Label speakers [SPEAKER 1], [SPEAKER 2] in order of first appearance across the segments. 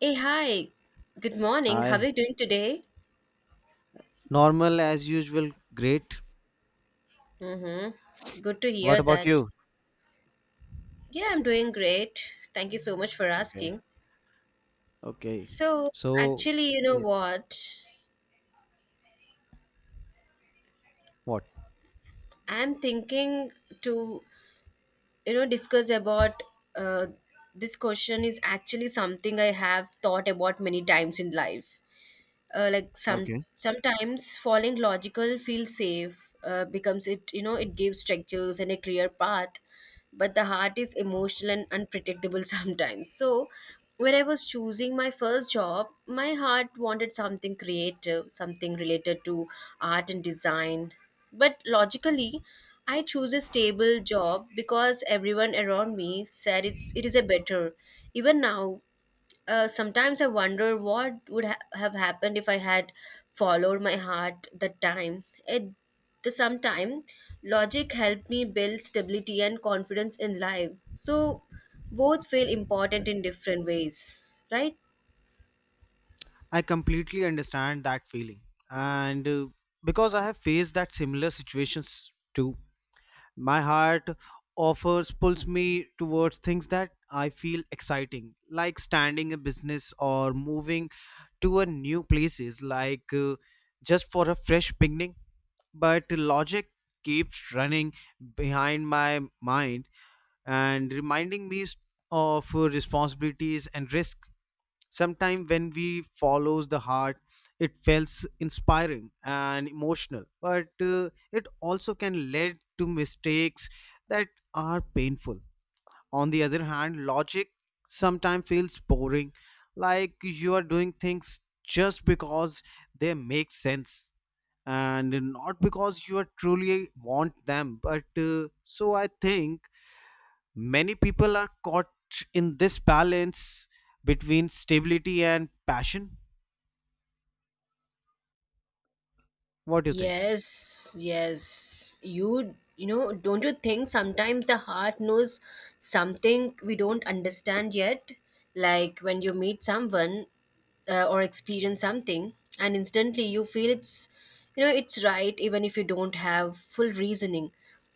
[SPEAKER 1] Hey, hi. Good morning. How are
[SPEAKER 2] Hi.
[SPEAKER 1] you doing today?
[SPEAKER 2] Normal as usual, great.
[SPEAKER 1] Mm-hmm. Good to hear
[SPEAKER 2] What about
[SPEAKER 1] that.
[SPEAKER 2] you?
[SPEAKER 1] Yeah, I'm doing great. Thank you so much for
[SPEAKER 2] Okay.
[SPEAKER 1] asking.
[SPEAKER 2] Okay.
[SPEAKER 1] So,
[SPEAKER 2] So,
[SPEAKER 1] actually, you know
[SPEAKER 2] yes.
[SPEAKER 1] what?
[SPEAKER 2] What?
[SPEAKER 1] I'm thinking to, discuss about uh, this question is actually something I have thought about many times in life. Like
[SPEAKER 2] Okay.
[SPEAKER 1] sometimes following logical feels safe becomes it, it gives structures and a clear path, but the heart is emotional and unpredictable sometimes. So when I was choosing my first job, my heart wanted something creative, something related to art and design, but logically I choose a stable job because everyone around me said it is a better. Even now, sometimes I wonder what would have happened if I had followed my heart that time. At the same time, logic helped me build stability and confidence in life. So both feel important in different ways, right?
[SPEAKER 2] I completely understand that feeling. And Because I have faced that similar situations too, my heart offers pulls me towards things that I feel exciting, like standing a business or moving to a new places, just for a fresh beginning. But logic keeps running behind my mind and reminding me of responsibilities and risk. Sometimes when we follows the heart, it feels inspiring and emotional, but it also can lead to mistakes that are painful. On the other hand, logic sometimes feels boring, like you are doing things just because they make sense and not because you are truly want them but so I think many people are caught in this balance between stability and passion. What do you think?
[SPEAKER 1] Yes, yes. You know, don't you think sometimes the heart knows something we don't understand yet? Like when you meet someone or experience something, and instantly you feel it's right, even if you don't have full reasoning.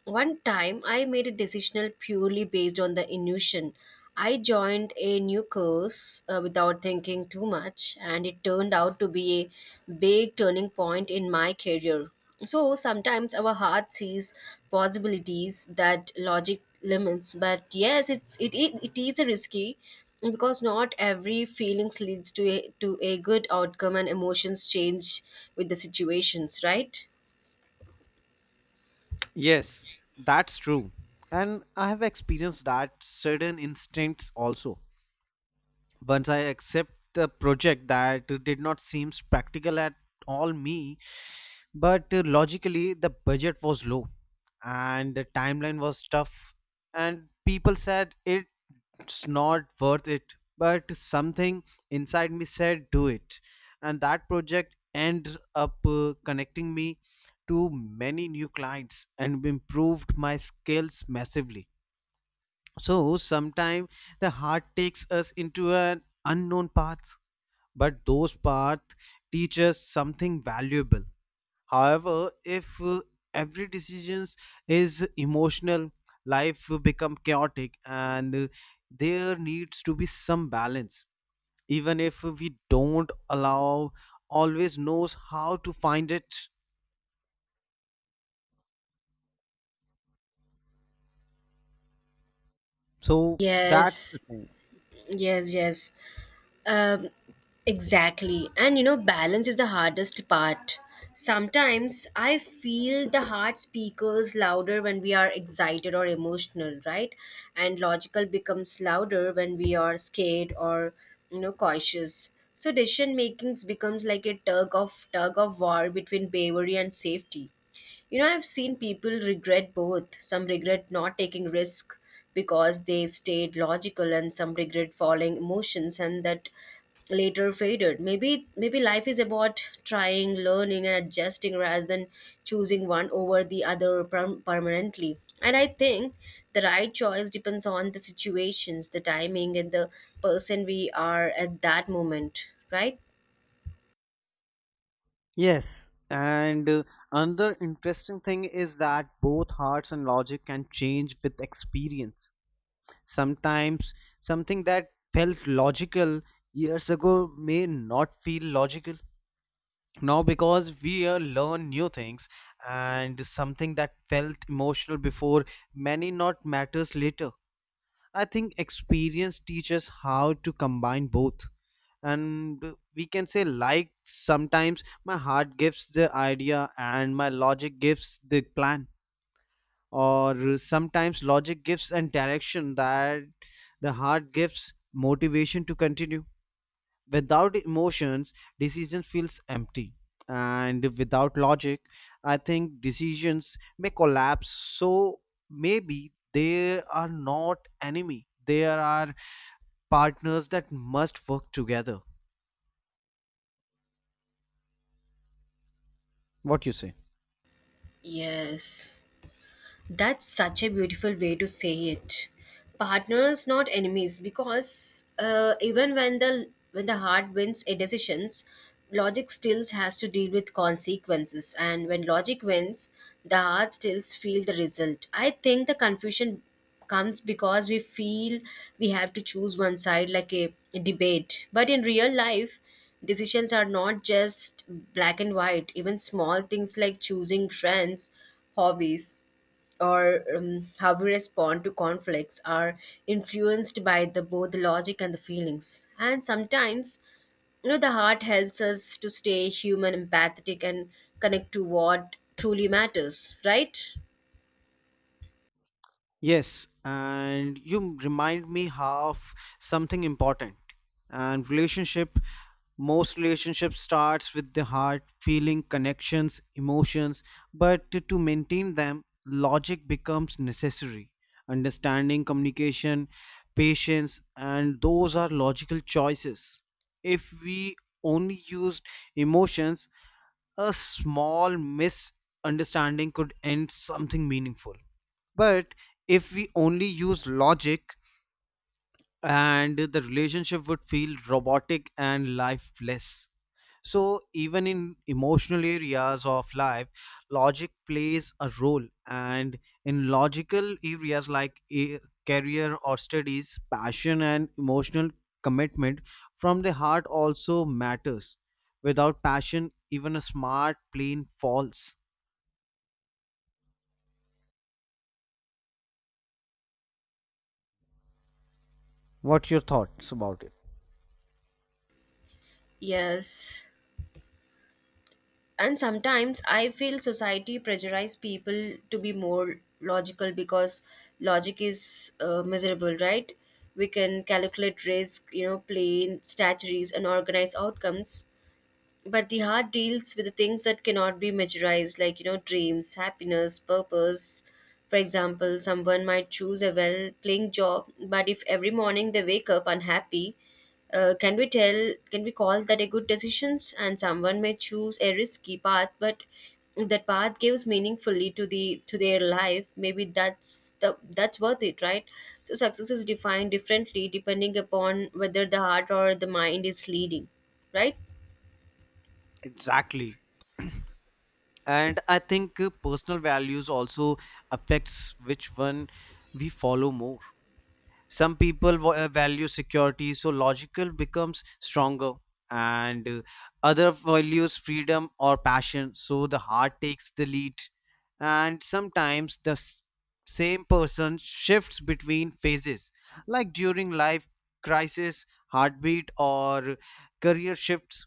[SPEAKER 1] One time, I made a decision purely based on the intuition. I joined a new course without thinking too much, and it turned out to be a big turning point in my career. So sometimes our heart sees possibilities that logic limits, but yes, it is a risky because not every feelings leads to a good outcome, and emotions change with the situations, right?
[SPEAKER 2] Yes, that's true, and I have experienced that certain instincts also. Once I accept the project that did not seem practical at all me. But logically, the budget was low and the timeline was tough, and people said it's not worth it. But something inside me said, do it. And that project ended up connecting me to many new clients and improved my skills massively. So sometimes the heart takes us into an unknown path, but those paths teach us something valuable. However, if every decision is emotional, life will become chaotic and there needs to be some balance. Even if we don't allow, always knows how to find it. So that's the
[SPEAKER 1] Yes,
[SPEAKER 2] thing.
[SPEAKER 1] yes, yes. Um, exactly. And you know, balance is the hardest part. Sometimes I feel the heart speakers louder when we are excited or emotional, right? And logical becomes louder when we are scared or, you know, cautious. So decision makings becomes like a tug of war between bravery and safety. You know, I've seen people regret both. Some regret not taking risk because they stayed logical, and some regret following emotions and that later faded. Maybe life is about trying, learning and adjusting rather than choosing one over the other permanently. And I think the right choice depends on the situations, the timing and the person we are at that moment, right?
[SPEAKER 2] Yes. And Another interesting thing is that both hearts and logic can change with experience. Sometimes something that felt logical years ago may not feel logical now because we learn new things, and something that felt emotional before many not matters later. I think experience teaches how to combine both, and we can say, like, sometimes my heart gives the idea and my logic gives the plan, or sometimes logic gives and direction that the heart gives motivation to continue. Without emotions, decision feels empty, and without logic, I think decisions may collapse. So maybe they are not enemy, they are partners that must work together. What you say?
[SPEAKER 1] Yes. That's such a beautiful way to say it. Partners, not enemies, because even when the heart wins a decisions, logic still has to deal with consequences, and when logic wins, the heart still feel the result. I think the confusion comes because we feel we have to choose one side like a debate, but in real life, decisions are not just black and white. Even small things like choosing friends, hobbies or how we respond to conflicts are influenced by the both the logic and the feelings, and sometimes, you know, the heart helps us to stay human, empathetic, and connect to what truly matters, right?
[SPEAKER 2] Yes, and you remind me of something important, and relationship. Most relationship starts with the heart feeling connections emotions, but to maintain them logic becomes necessary. Understanding, communication, patience, and those are logical choices. If we only used emotions, a small misunderstanding could end something meaningful. But if we only use logic, and the relationship would feel robotic and lifeless. So even in emotional areas of life, logic plays a role, and in logical areas like a career or studies, passion and emotional commitment from the heart also matters. Without passion, even a smart plane falls. What your thoughts about it?
[SPEAKER 1] Yes, and sometimes I feel society pressurize people to be more logical because logic is miserable, right? We can calculate risk, you know, plan strategies and organize outcomes, but the heart deals with the things that cannot be measurized, like, you know, dreams, happiness, purpose. For example, someone might choose a well paying job, but if every morning they wake up unhappy, can we tell, can we call that a good decisions? And someone may choose a risky path, but that path gives meaningfully to the to their life. Maybe that's worth it, right? So success is defined differently depending upon whether the heart or the mind is leading, right?
[SPEAKER 2] Exactly. And I think personal values also affects which one we follow more. Some people value security, so logical becomes stronger, and other values freedom or passion, so the heart takes the lead. And sometimes the same person shifts between phases, like during life crisis, heartbeat or career shifts,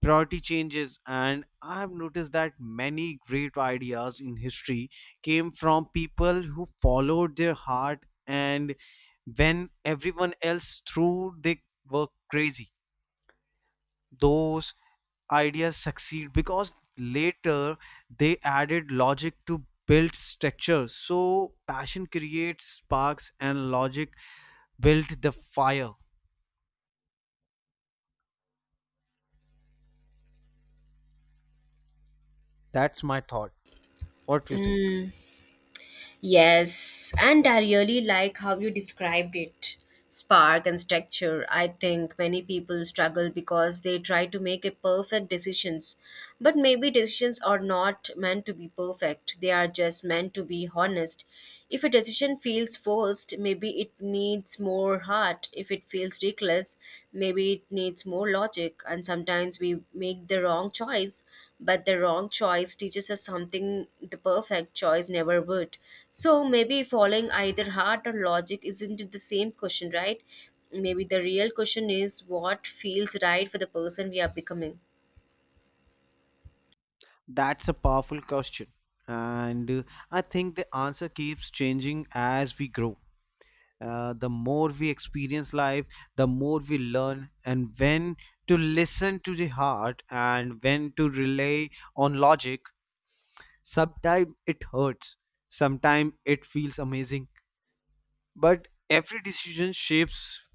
[SPEAKER 2] priority changes. And I have noticed that many great ideas in history came from people who followed their heart, and when everyone else threw they were crazy, those ideas succeed because later they added logic to build structure. So passion creates sparks and logic build the fire. That's my thought. What do you think?
[SPEAKER 1] 嗯。Yes, and I really like how you described it, spark and structure. I think many people struggle because they try to make a perfect decisions, but maybe decisions are not meant to be perfect. They are just meant to be honest. If a decision feels forced, maybe it needs more heart. If it feels reckless, maybe it needs more logic. And sometimes we make the wrong choice, but the wrong choice teaches us something the perfect choice never would. So maybe following either heart or logic isn't the same question, right? Maybe the real question is what feels right for the person we are becoming.
[SPEAKER 2] That's a powerful question. And I think the answer keeps changing as we grow. The more we experience life, the more we learn, and when to listen to the heart and when to rely on logic. Sometimes it hurts, sometimes it feels amazing, but every decision shapes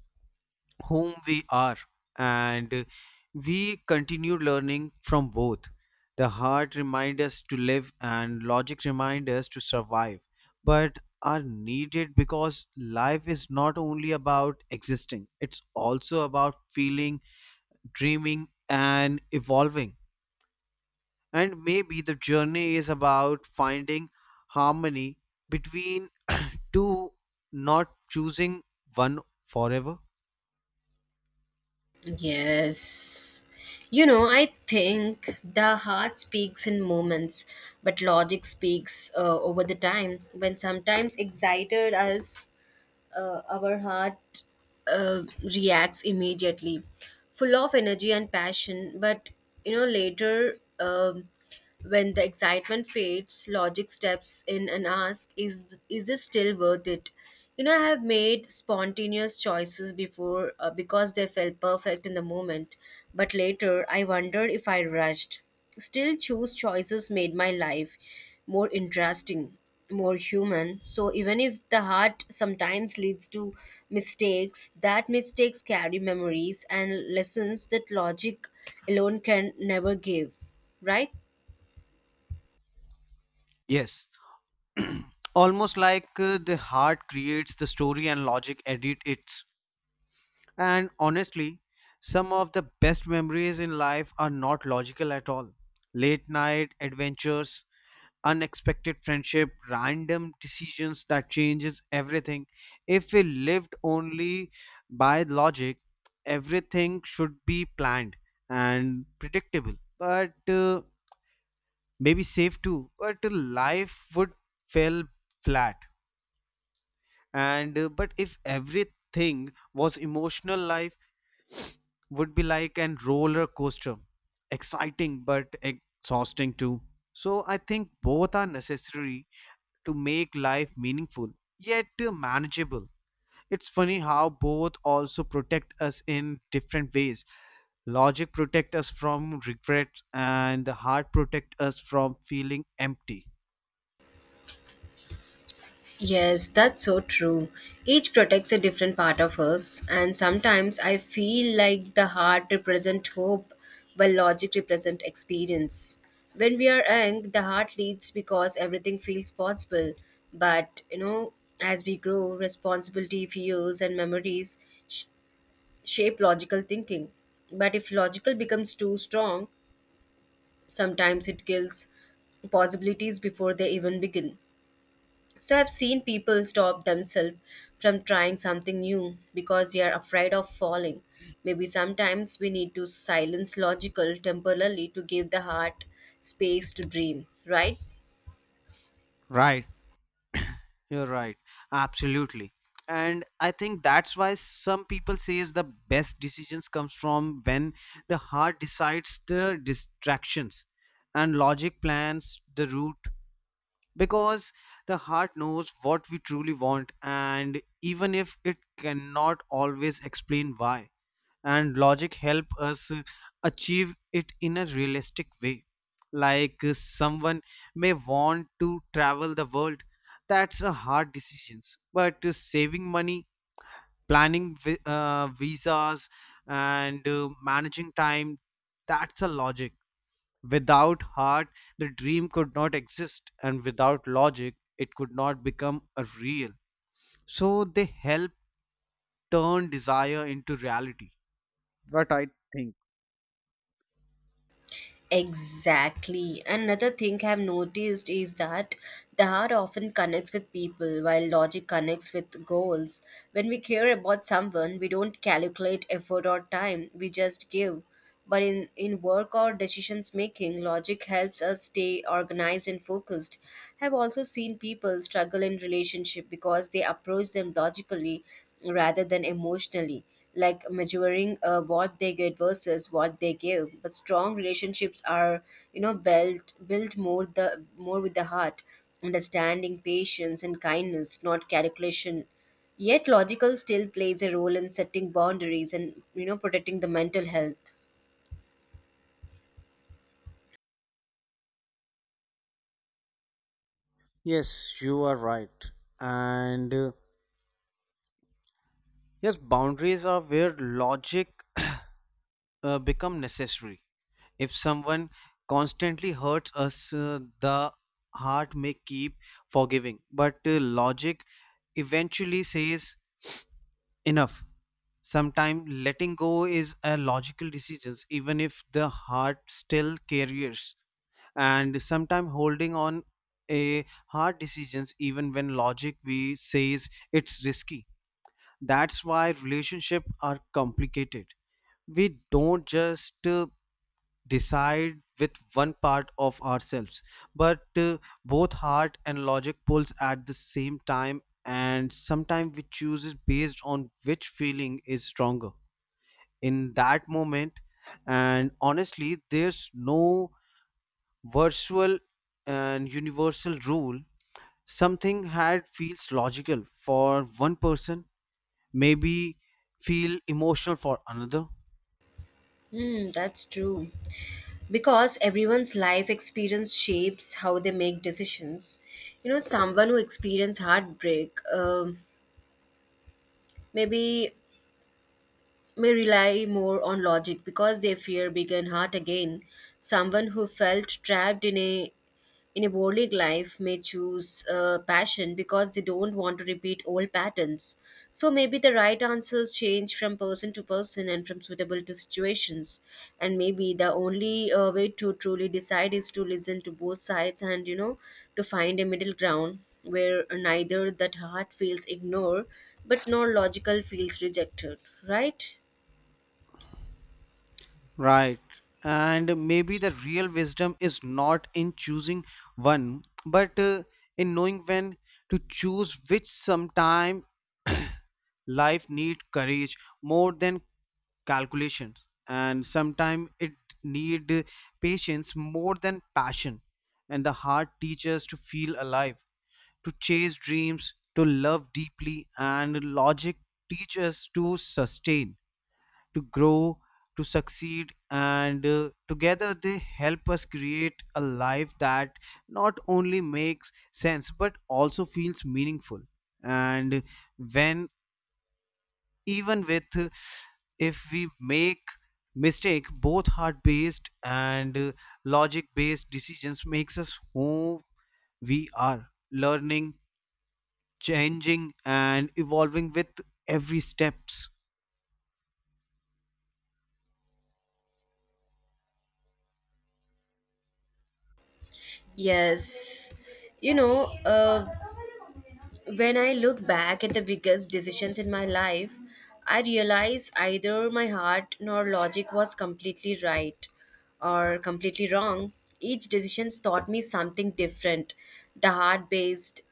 [SPEAKER 2] whom we are, and we continue learning from both. The heart reminds us to live and logic reminds us to survive, but are needed because life is not only about existing, it's also about feeling, dreaming and evolving. And maybe the journey is about finding harmony between two, not choosing one forever.
[SPEAKER 1] Yes. You know, I think the heart speaks in moments, but logic speaks over the time. When sometimes excited us, our heart reacts immediately, full of energy and passion. But you know, later, when the excitement fades, logic steps in and asks, is this still worth it?" You know, I have made spontaneous choices before because they felt perfect in the moment, but later I wondered if I rushed. Still choose choices made my life more interesting, more human. So even if the heart sometimes leads to mistakes, that mistakes carry memories and lessons that logic alone can never give, right?
[SPEAKER 2] Yes. Almost like the heart creates the story and logic edit it. And honestly, some of the best memories in life are not logical at all. Late night adventures, unexpected friendship, random decisions that changes everything. If we lived only by logic, everything should be planned and predictable. But maybe safe too. But life would feel flat, and but if everything was emotional, life would be like an roller coaster, exciting but exhausting too. So I think both are necessary to make life meaningful yet manageable. It's funny how both also protect us in different ways. Logic protect us from regret, and the heart protect us from feeling empty.
[SPEAKER 1] Yes, that's so true. Each protects a different part of us, and sometimes I feel like the heart represents hope, while logic represents experience. When we are young, the heart leads because everything feels possible. But you know, as we grow, responsibility, fears, and memories sh- shape logical thinking. But if logical becomes too strong, sometimes it kills possibilities before they even begin. So I've seen people stop themselves from trying something new because they are afraid of falling. Maybe sometimes we need to silence logical temporarily to give the heart space to dream, right?
[SPEAKER 2] Right. You're right. Absolutely. And I think that's why some people says the best decisions comes from when the heart decides the distractions and logic plans the route, because the heart knows what we truly want, and even if it cannot always explain why, and logic help us achieve it in a realistic way. Like someone may want to travel the world, that's a hard decision, but saving money, planning visas, and managing time, that's a logic. Without heart, the dream could not exist, and without logic it could not become a real. So they help turn desire into reality. What I think?
[SPEAKER 1] Exactly. Another thing I've noticed is that the heart often connects with people while logic connects with goals. When we care about someone, we don't calculate effort or time, we just give. But in work or decisions making, logic helps us stay organized and focused. I've also seen people struggle in relationship because they approach them logically rather than emotionally, like measuring what they get versus what they give. But strong relationships are, you know, built more the more with the heart, understanding, patience and kindness, not calculation. Yet logical still plays a role in setting boundaries, and, you know, protecting the mental health.
[SPEAKER 2] Yes, you are right. And Yes, boundaries are where logic become necessary. If someone constantly hurts us, the heart may keep forgiving, but logic eventually says enough. Sometimes letting go is a logical decision, even if the heart still carries, and sometimes holding on, a hard decisions even when logic we says it's risky. That's why relationships are complicated. We don't just decide with one part of ourselves, but both heart and logic pulls at the same time, and sometimes we choose based on which feeling is stronger in that moment. And honestly, there's no virtual and universal rule. Something had feels logical for one person maybe feel emotional for another.
[SPEAKER 1] Hmm, that's true. Because everyone's life experience shapes how they make decisions. You know, someone who experienced heartbreak, maybe may rely more on logic because they fear being hurt again. Someone who felt trapped in a worldly life may choose passion because they don't want to repeat old patterns. So maybe the right answers change from person to person and from suitable to situations. And maybe the only way to truly decide is to listen to both sides, and, you know, to find a middle ground where neither that heart feels ignored but nor logical feels rejected. Right?
[SPEAKER 2] Right. And maybe the real wisdom is not in choosing one, but in knowing when to choose which sometime. Life need courage more than calculations, and sometimes it need patience more than passion. And the heart teaches to feel alive, to chase dreams, to love deeply, and logic teaches to sustain, to grow, to succeed, and together they help us create a life that not only makes sense but also feels meaningful. And when even with if we make mistake, both heart based and logic based decisions makes us who we are, learning, changing and evolving with every steps.
[SPEAKER 1] Yes, you know, when I look back at the biggest decisions in my life, I realize either my heart nor logic was completely right or completely wrong. Each decision taught me something different. The heart based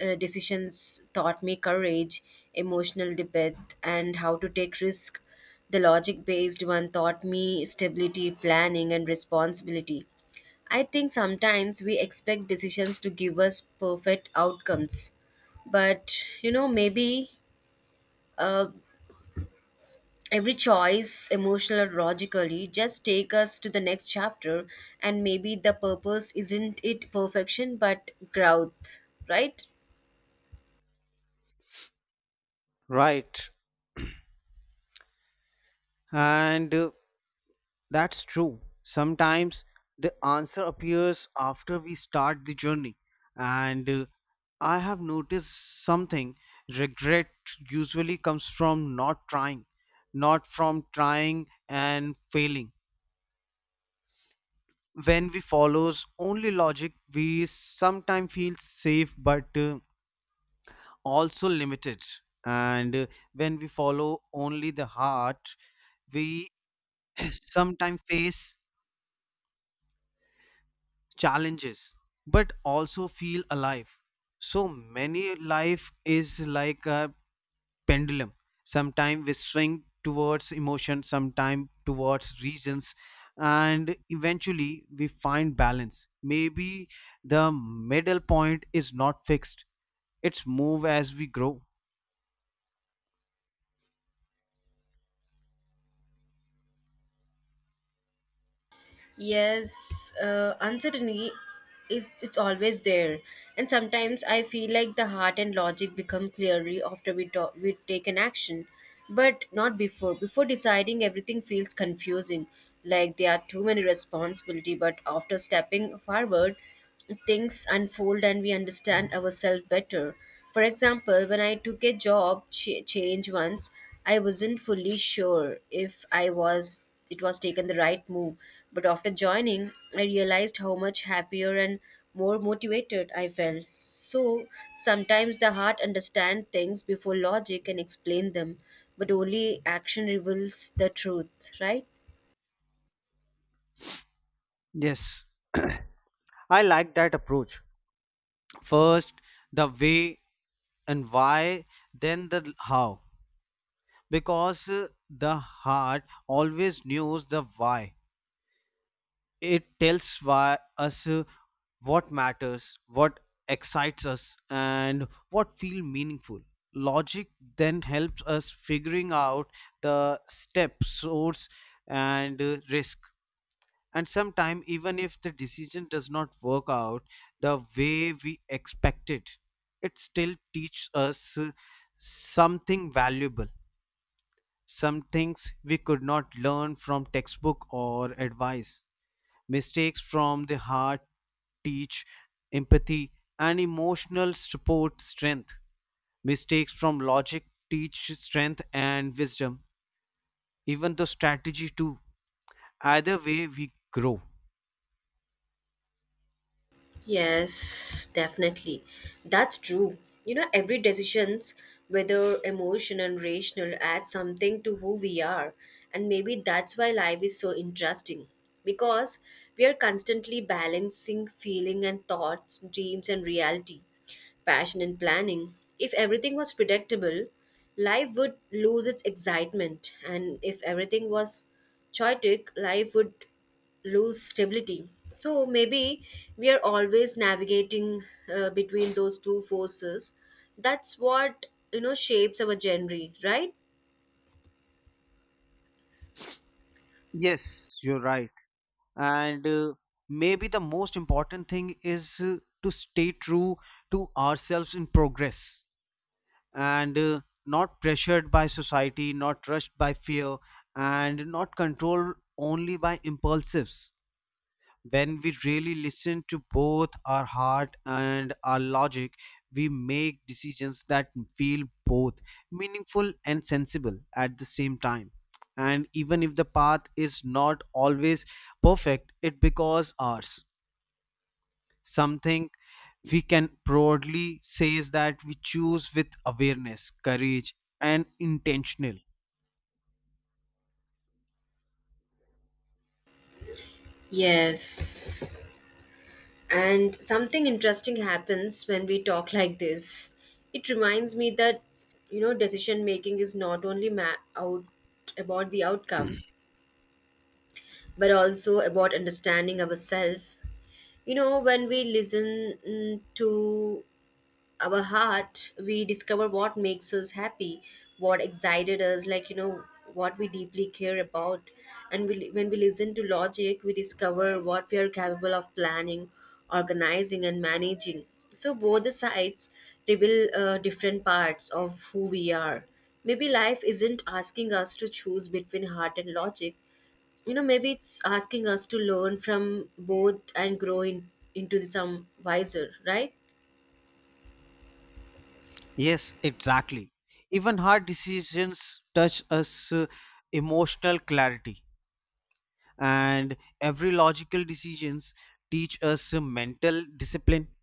[SPEAKER 1] decisions taught me courage, emotional depth, and how to take risk. The logic based one taught me stability, planning, and responsibility. I think sometimes we expect decisions to give us perfect outcomes, but, you know, maybe uh, every choice, emotional or logically, just take us to the next chapter, and maybe the purpose isn't it perfection but growth, right?
[SPEAKER 2] Right. and That's true. Sometimes the answer appears after we start the journey. And I have noticed something. Regret usually comes from not trying, not from trying and failing. When we follows only logic, we sometimes feel safe, but also limited. And when we follow only the heart, we sometimes face challenges but also feel alive. So many life is like a pendulum, sometimes we swing towards emotion, sometimes towards reasons, and eventually we find balance. Maybe the middle point is not fixed, it's move as we grow.
[SPEAKER 1] Yes, uncertainty is, it's always there, and sometimes I feel like the heart and logic become clearly after we talk, we take an action, but not before. Before deciding, everything feels confusing, like there are too many responsibility. But after stepping forward, things unfold and we understand ourselves better. For example, when I took a job change once, I wasn't fully sure if I was it was taken the right move, but after joining, I realized how much happier and more motivated I felt. So sometimes the heart understands things before logic can explain them, but only action reveals the truth, right?
[SPEAKER 2] Yes, I like that approach. First the way and why, then the how, because the heart always knows the why. It tells why us what matters, what excites us and what feel meaningful. Logic then helps us figuring out the step source and risk. And sometimes even if the decision does not work out the way we expected, it still teaches us something valuable, some things we could not learn from textbook or advice. Mistakes from the heart teach empathy and emotional support strength. Mistakes from logic teach strength and wisdom, even the strategy too. Either way, we grow.
[SPEAKER 1] Yes, definitely. That's true. You know, every decisions, whether emotional and rational, adds something to who we are. And maybe that's why life is so interesting. Because we are constantly balancing feeling and thoughts, dreams and reality, passion and planning. If everything was predictable, life would lose its excitement. And if everything was chaotic, life would lose stability. So maybe we are always navigating between those two forces. That's what, you know, shapes our genre, right?
[SPEAKER 2] Yes, you're right. And Maybe the most important thing is to stay true to ourselves in progress, and not pressured by society, not rushed by fear, and not controlled only by impulsives. When we really listen to both our heart and our logic, we make decisions that feel both meaningful and sensible at the same time. And even if the path is not always perfect, it becomes ours, something we can broadly say is that we choose with awareness, courage, and intentional.
[SPEAKER 1] Yes. And something interesting happens when we talk like this. It reminds me that, you know, decision making is not only out about the outcome, but also about understanding ourselves. You know, when we listen, to our heart, we discover what makes us happy, what excited us, like, you know, what we deeply care about. And when we listen to logic, we discover what we are capable of, planning, organizing and managing. So both the sides reveal different parts of who we are. Maybe life isn't asking us to choose between heart and logic. You know, maybe it's asking us to learn from both and grow into some wiser, right?
[SPEAKER 2] Yes, exactly. Even hard decisions touch us emotional clarity, and every logical decisions teach us mental discipline.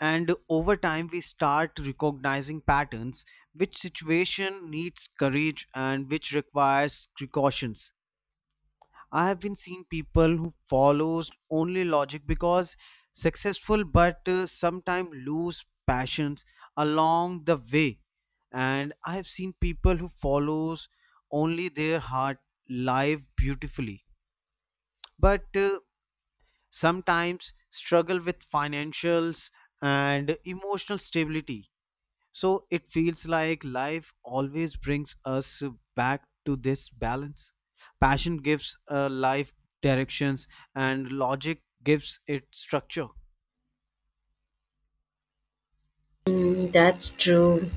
[SPEAKER 2] And over time, we start recognizing patterns, which situation needs courage and which requires precautions. I have been seeing people who follows only logic because successful, but sometimes lose passions along the way. And I have seen people who follows only their heart live beautifully, but sometimes struggle with financials and emotional stability. So it feels like life always brings us back to this balance. Passion gives life directions, and logic gives it structure.
[SPEAKER 1] Mm, that's true.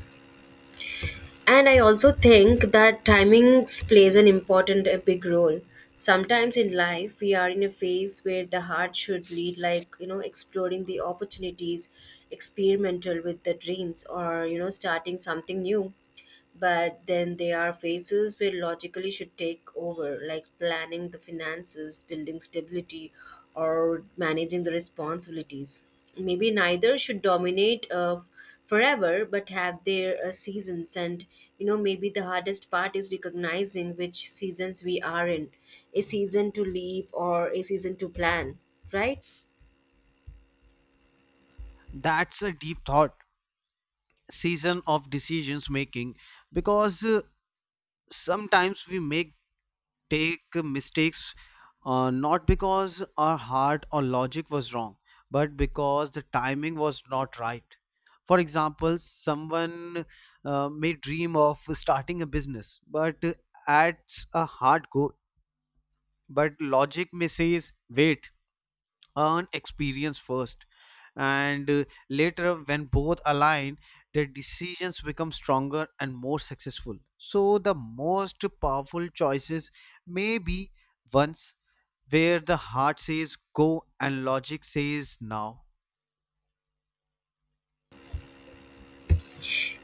[SPEAKER 1] And I also think that timings plays an important a big role. Sometimes in life we are in a phase where the heart should lead, like, you know, exploring the opportunities, experimental with the dreams, or, you know, starting something new. But then there are phases where logically should take over, like planning the finances, building stability or managing the responsibilities. Maybe neither should dominate forever, but have their seasons. And, you know, maybe the hardest part is recognizing which seasons we are in, a season to leap or a season to plan, right?
[SPEAKER 2] That's a deep thought. Season of decisions making, because sometimes we make take mistakes not because our heart or logic was wrong, but because the timing was not right. For example, someone may dream of starting a business, but adds a hard goal, but logic may says wait, earn experience first, and later when both align their decisions become stronger and more successful. So the most powerful choices may be ones where the heart says go and logic says now.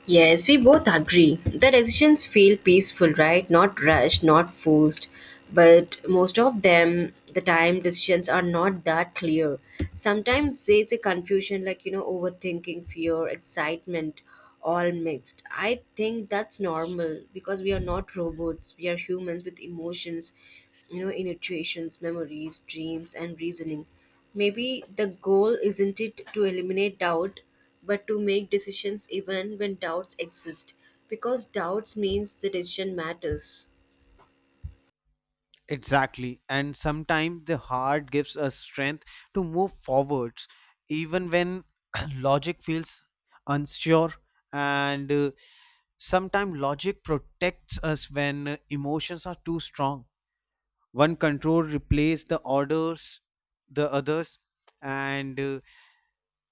[SPEAKER 1] Yes, we both agree. The decisions feel peaceful, right? Not rushed, not forced. But most of them, the time decisions are not that clear. Sometimes there's a confusion, like, you know, overthinking, fear, excitement, all mixed. I think that's normal because we are not robots. We are humans with emotions, you know, intuitions, memories, dreams, and reasoning. Maybe the goal isn't it to eliminate doubt but to make decisions even when doubts exist, because doubts means the decision matters.
[SPEAKER 2] Exactly. And sometimes the heart gives us strength to move forwards even when logic feels unsure, and sometimes logic protects us when emotions are too strong. One control replaces the orders, the others, and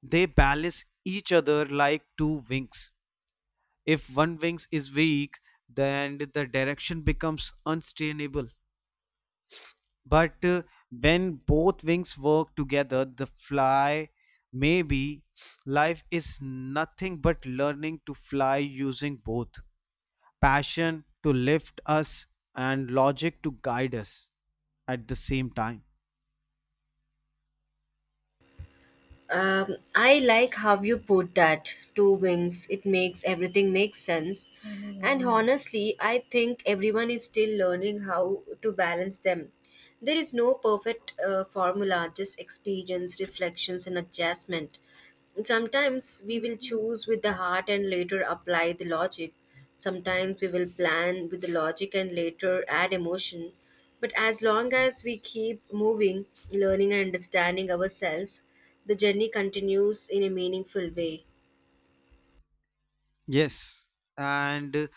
[SPEAKER 2] they balance each other like two wings. If one wings is weak, then the direction becomes unsustainable. But when both wings work together, the fly. Maybe life is nothing but learning to fly using both, passion to lift us and logic to guide us at the same time.
[SPEAKER 1] I like how you put that, two wings. It makes everything makes sense. And Mm. honestly, I think everyone is still learning how to balance them. There is no perfect formula, just experience, reflections, and adjustment. Sometimes we will choose with the heart and later apply the logic. Sometimes we will plan with the logic and later add emotion. But as long as we keep moving, learning, and understanding ourselves, the journey continues in a meaningful way.
[SPEAKER 2] Yes, and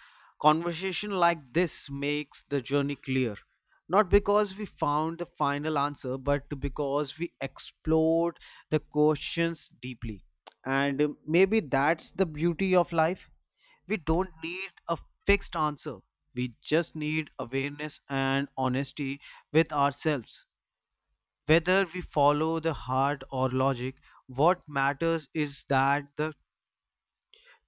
[SPEAKER 2] conversation like this makes the journey clear. Not because we found the final answer, but because we explored the questions deeply. And Maybe that's the beauty of life. We don't need a fixed answer, we just need awareness and honesty with ourselves. Whether we follow the heart or logic, what matters is that the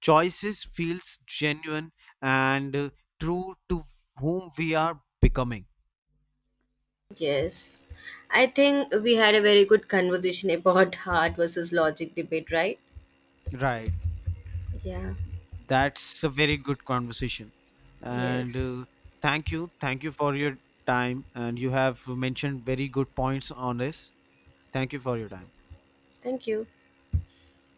[SPEAKER 2] choices feels genuine and true to whom we are becoming.
[SPEAKER 1] Yes. I think we had a very good conversation about heart versus logic debate, right?
[SPEAKER 2] Right.
[SPEAKER 1] Yeah.
[SPEAKER 2] That's a very good conversation. And
[SPEAKER 1] Yes.
[SPEAKER 2] Thank you. Thank you for your time. And you have mentioned very good points on this. Thank you for your time.
[SPEAKER 1] Thank you.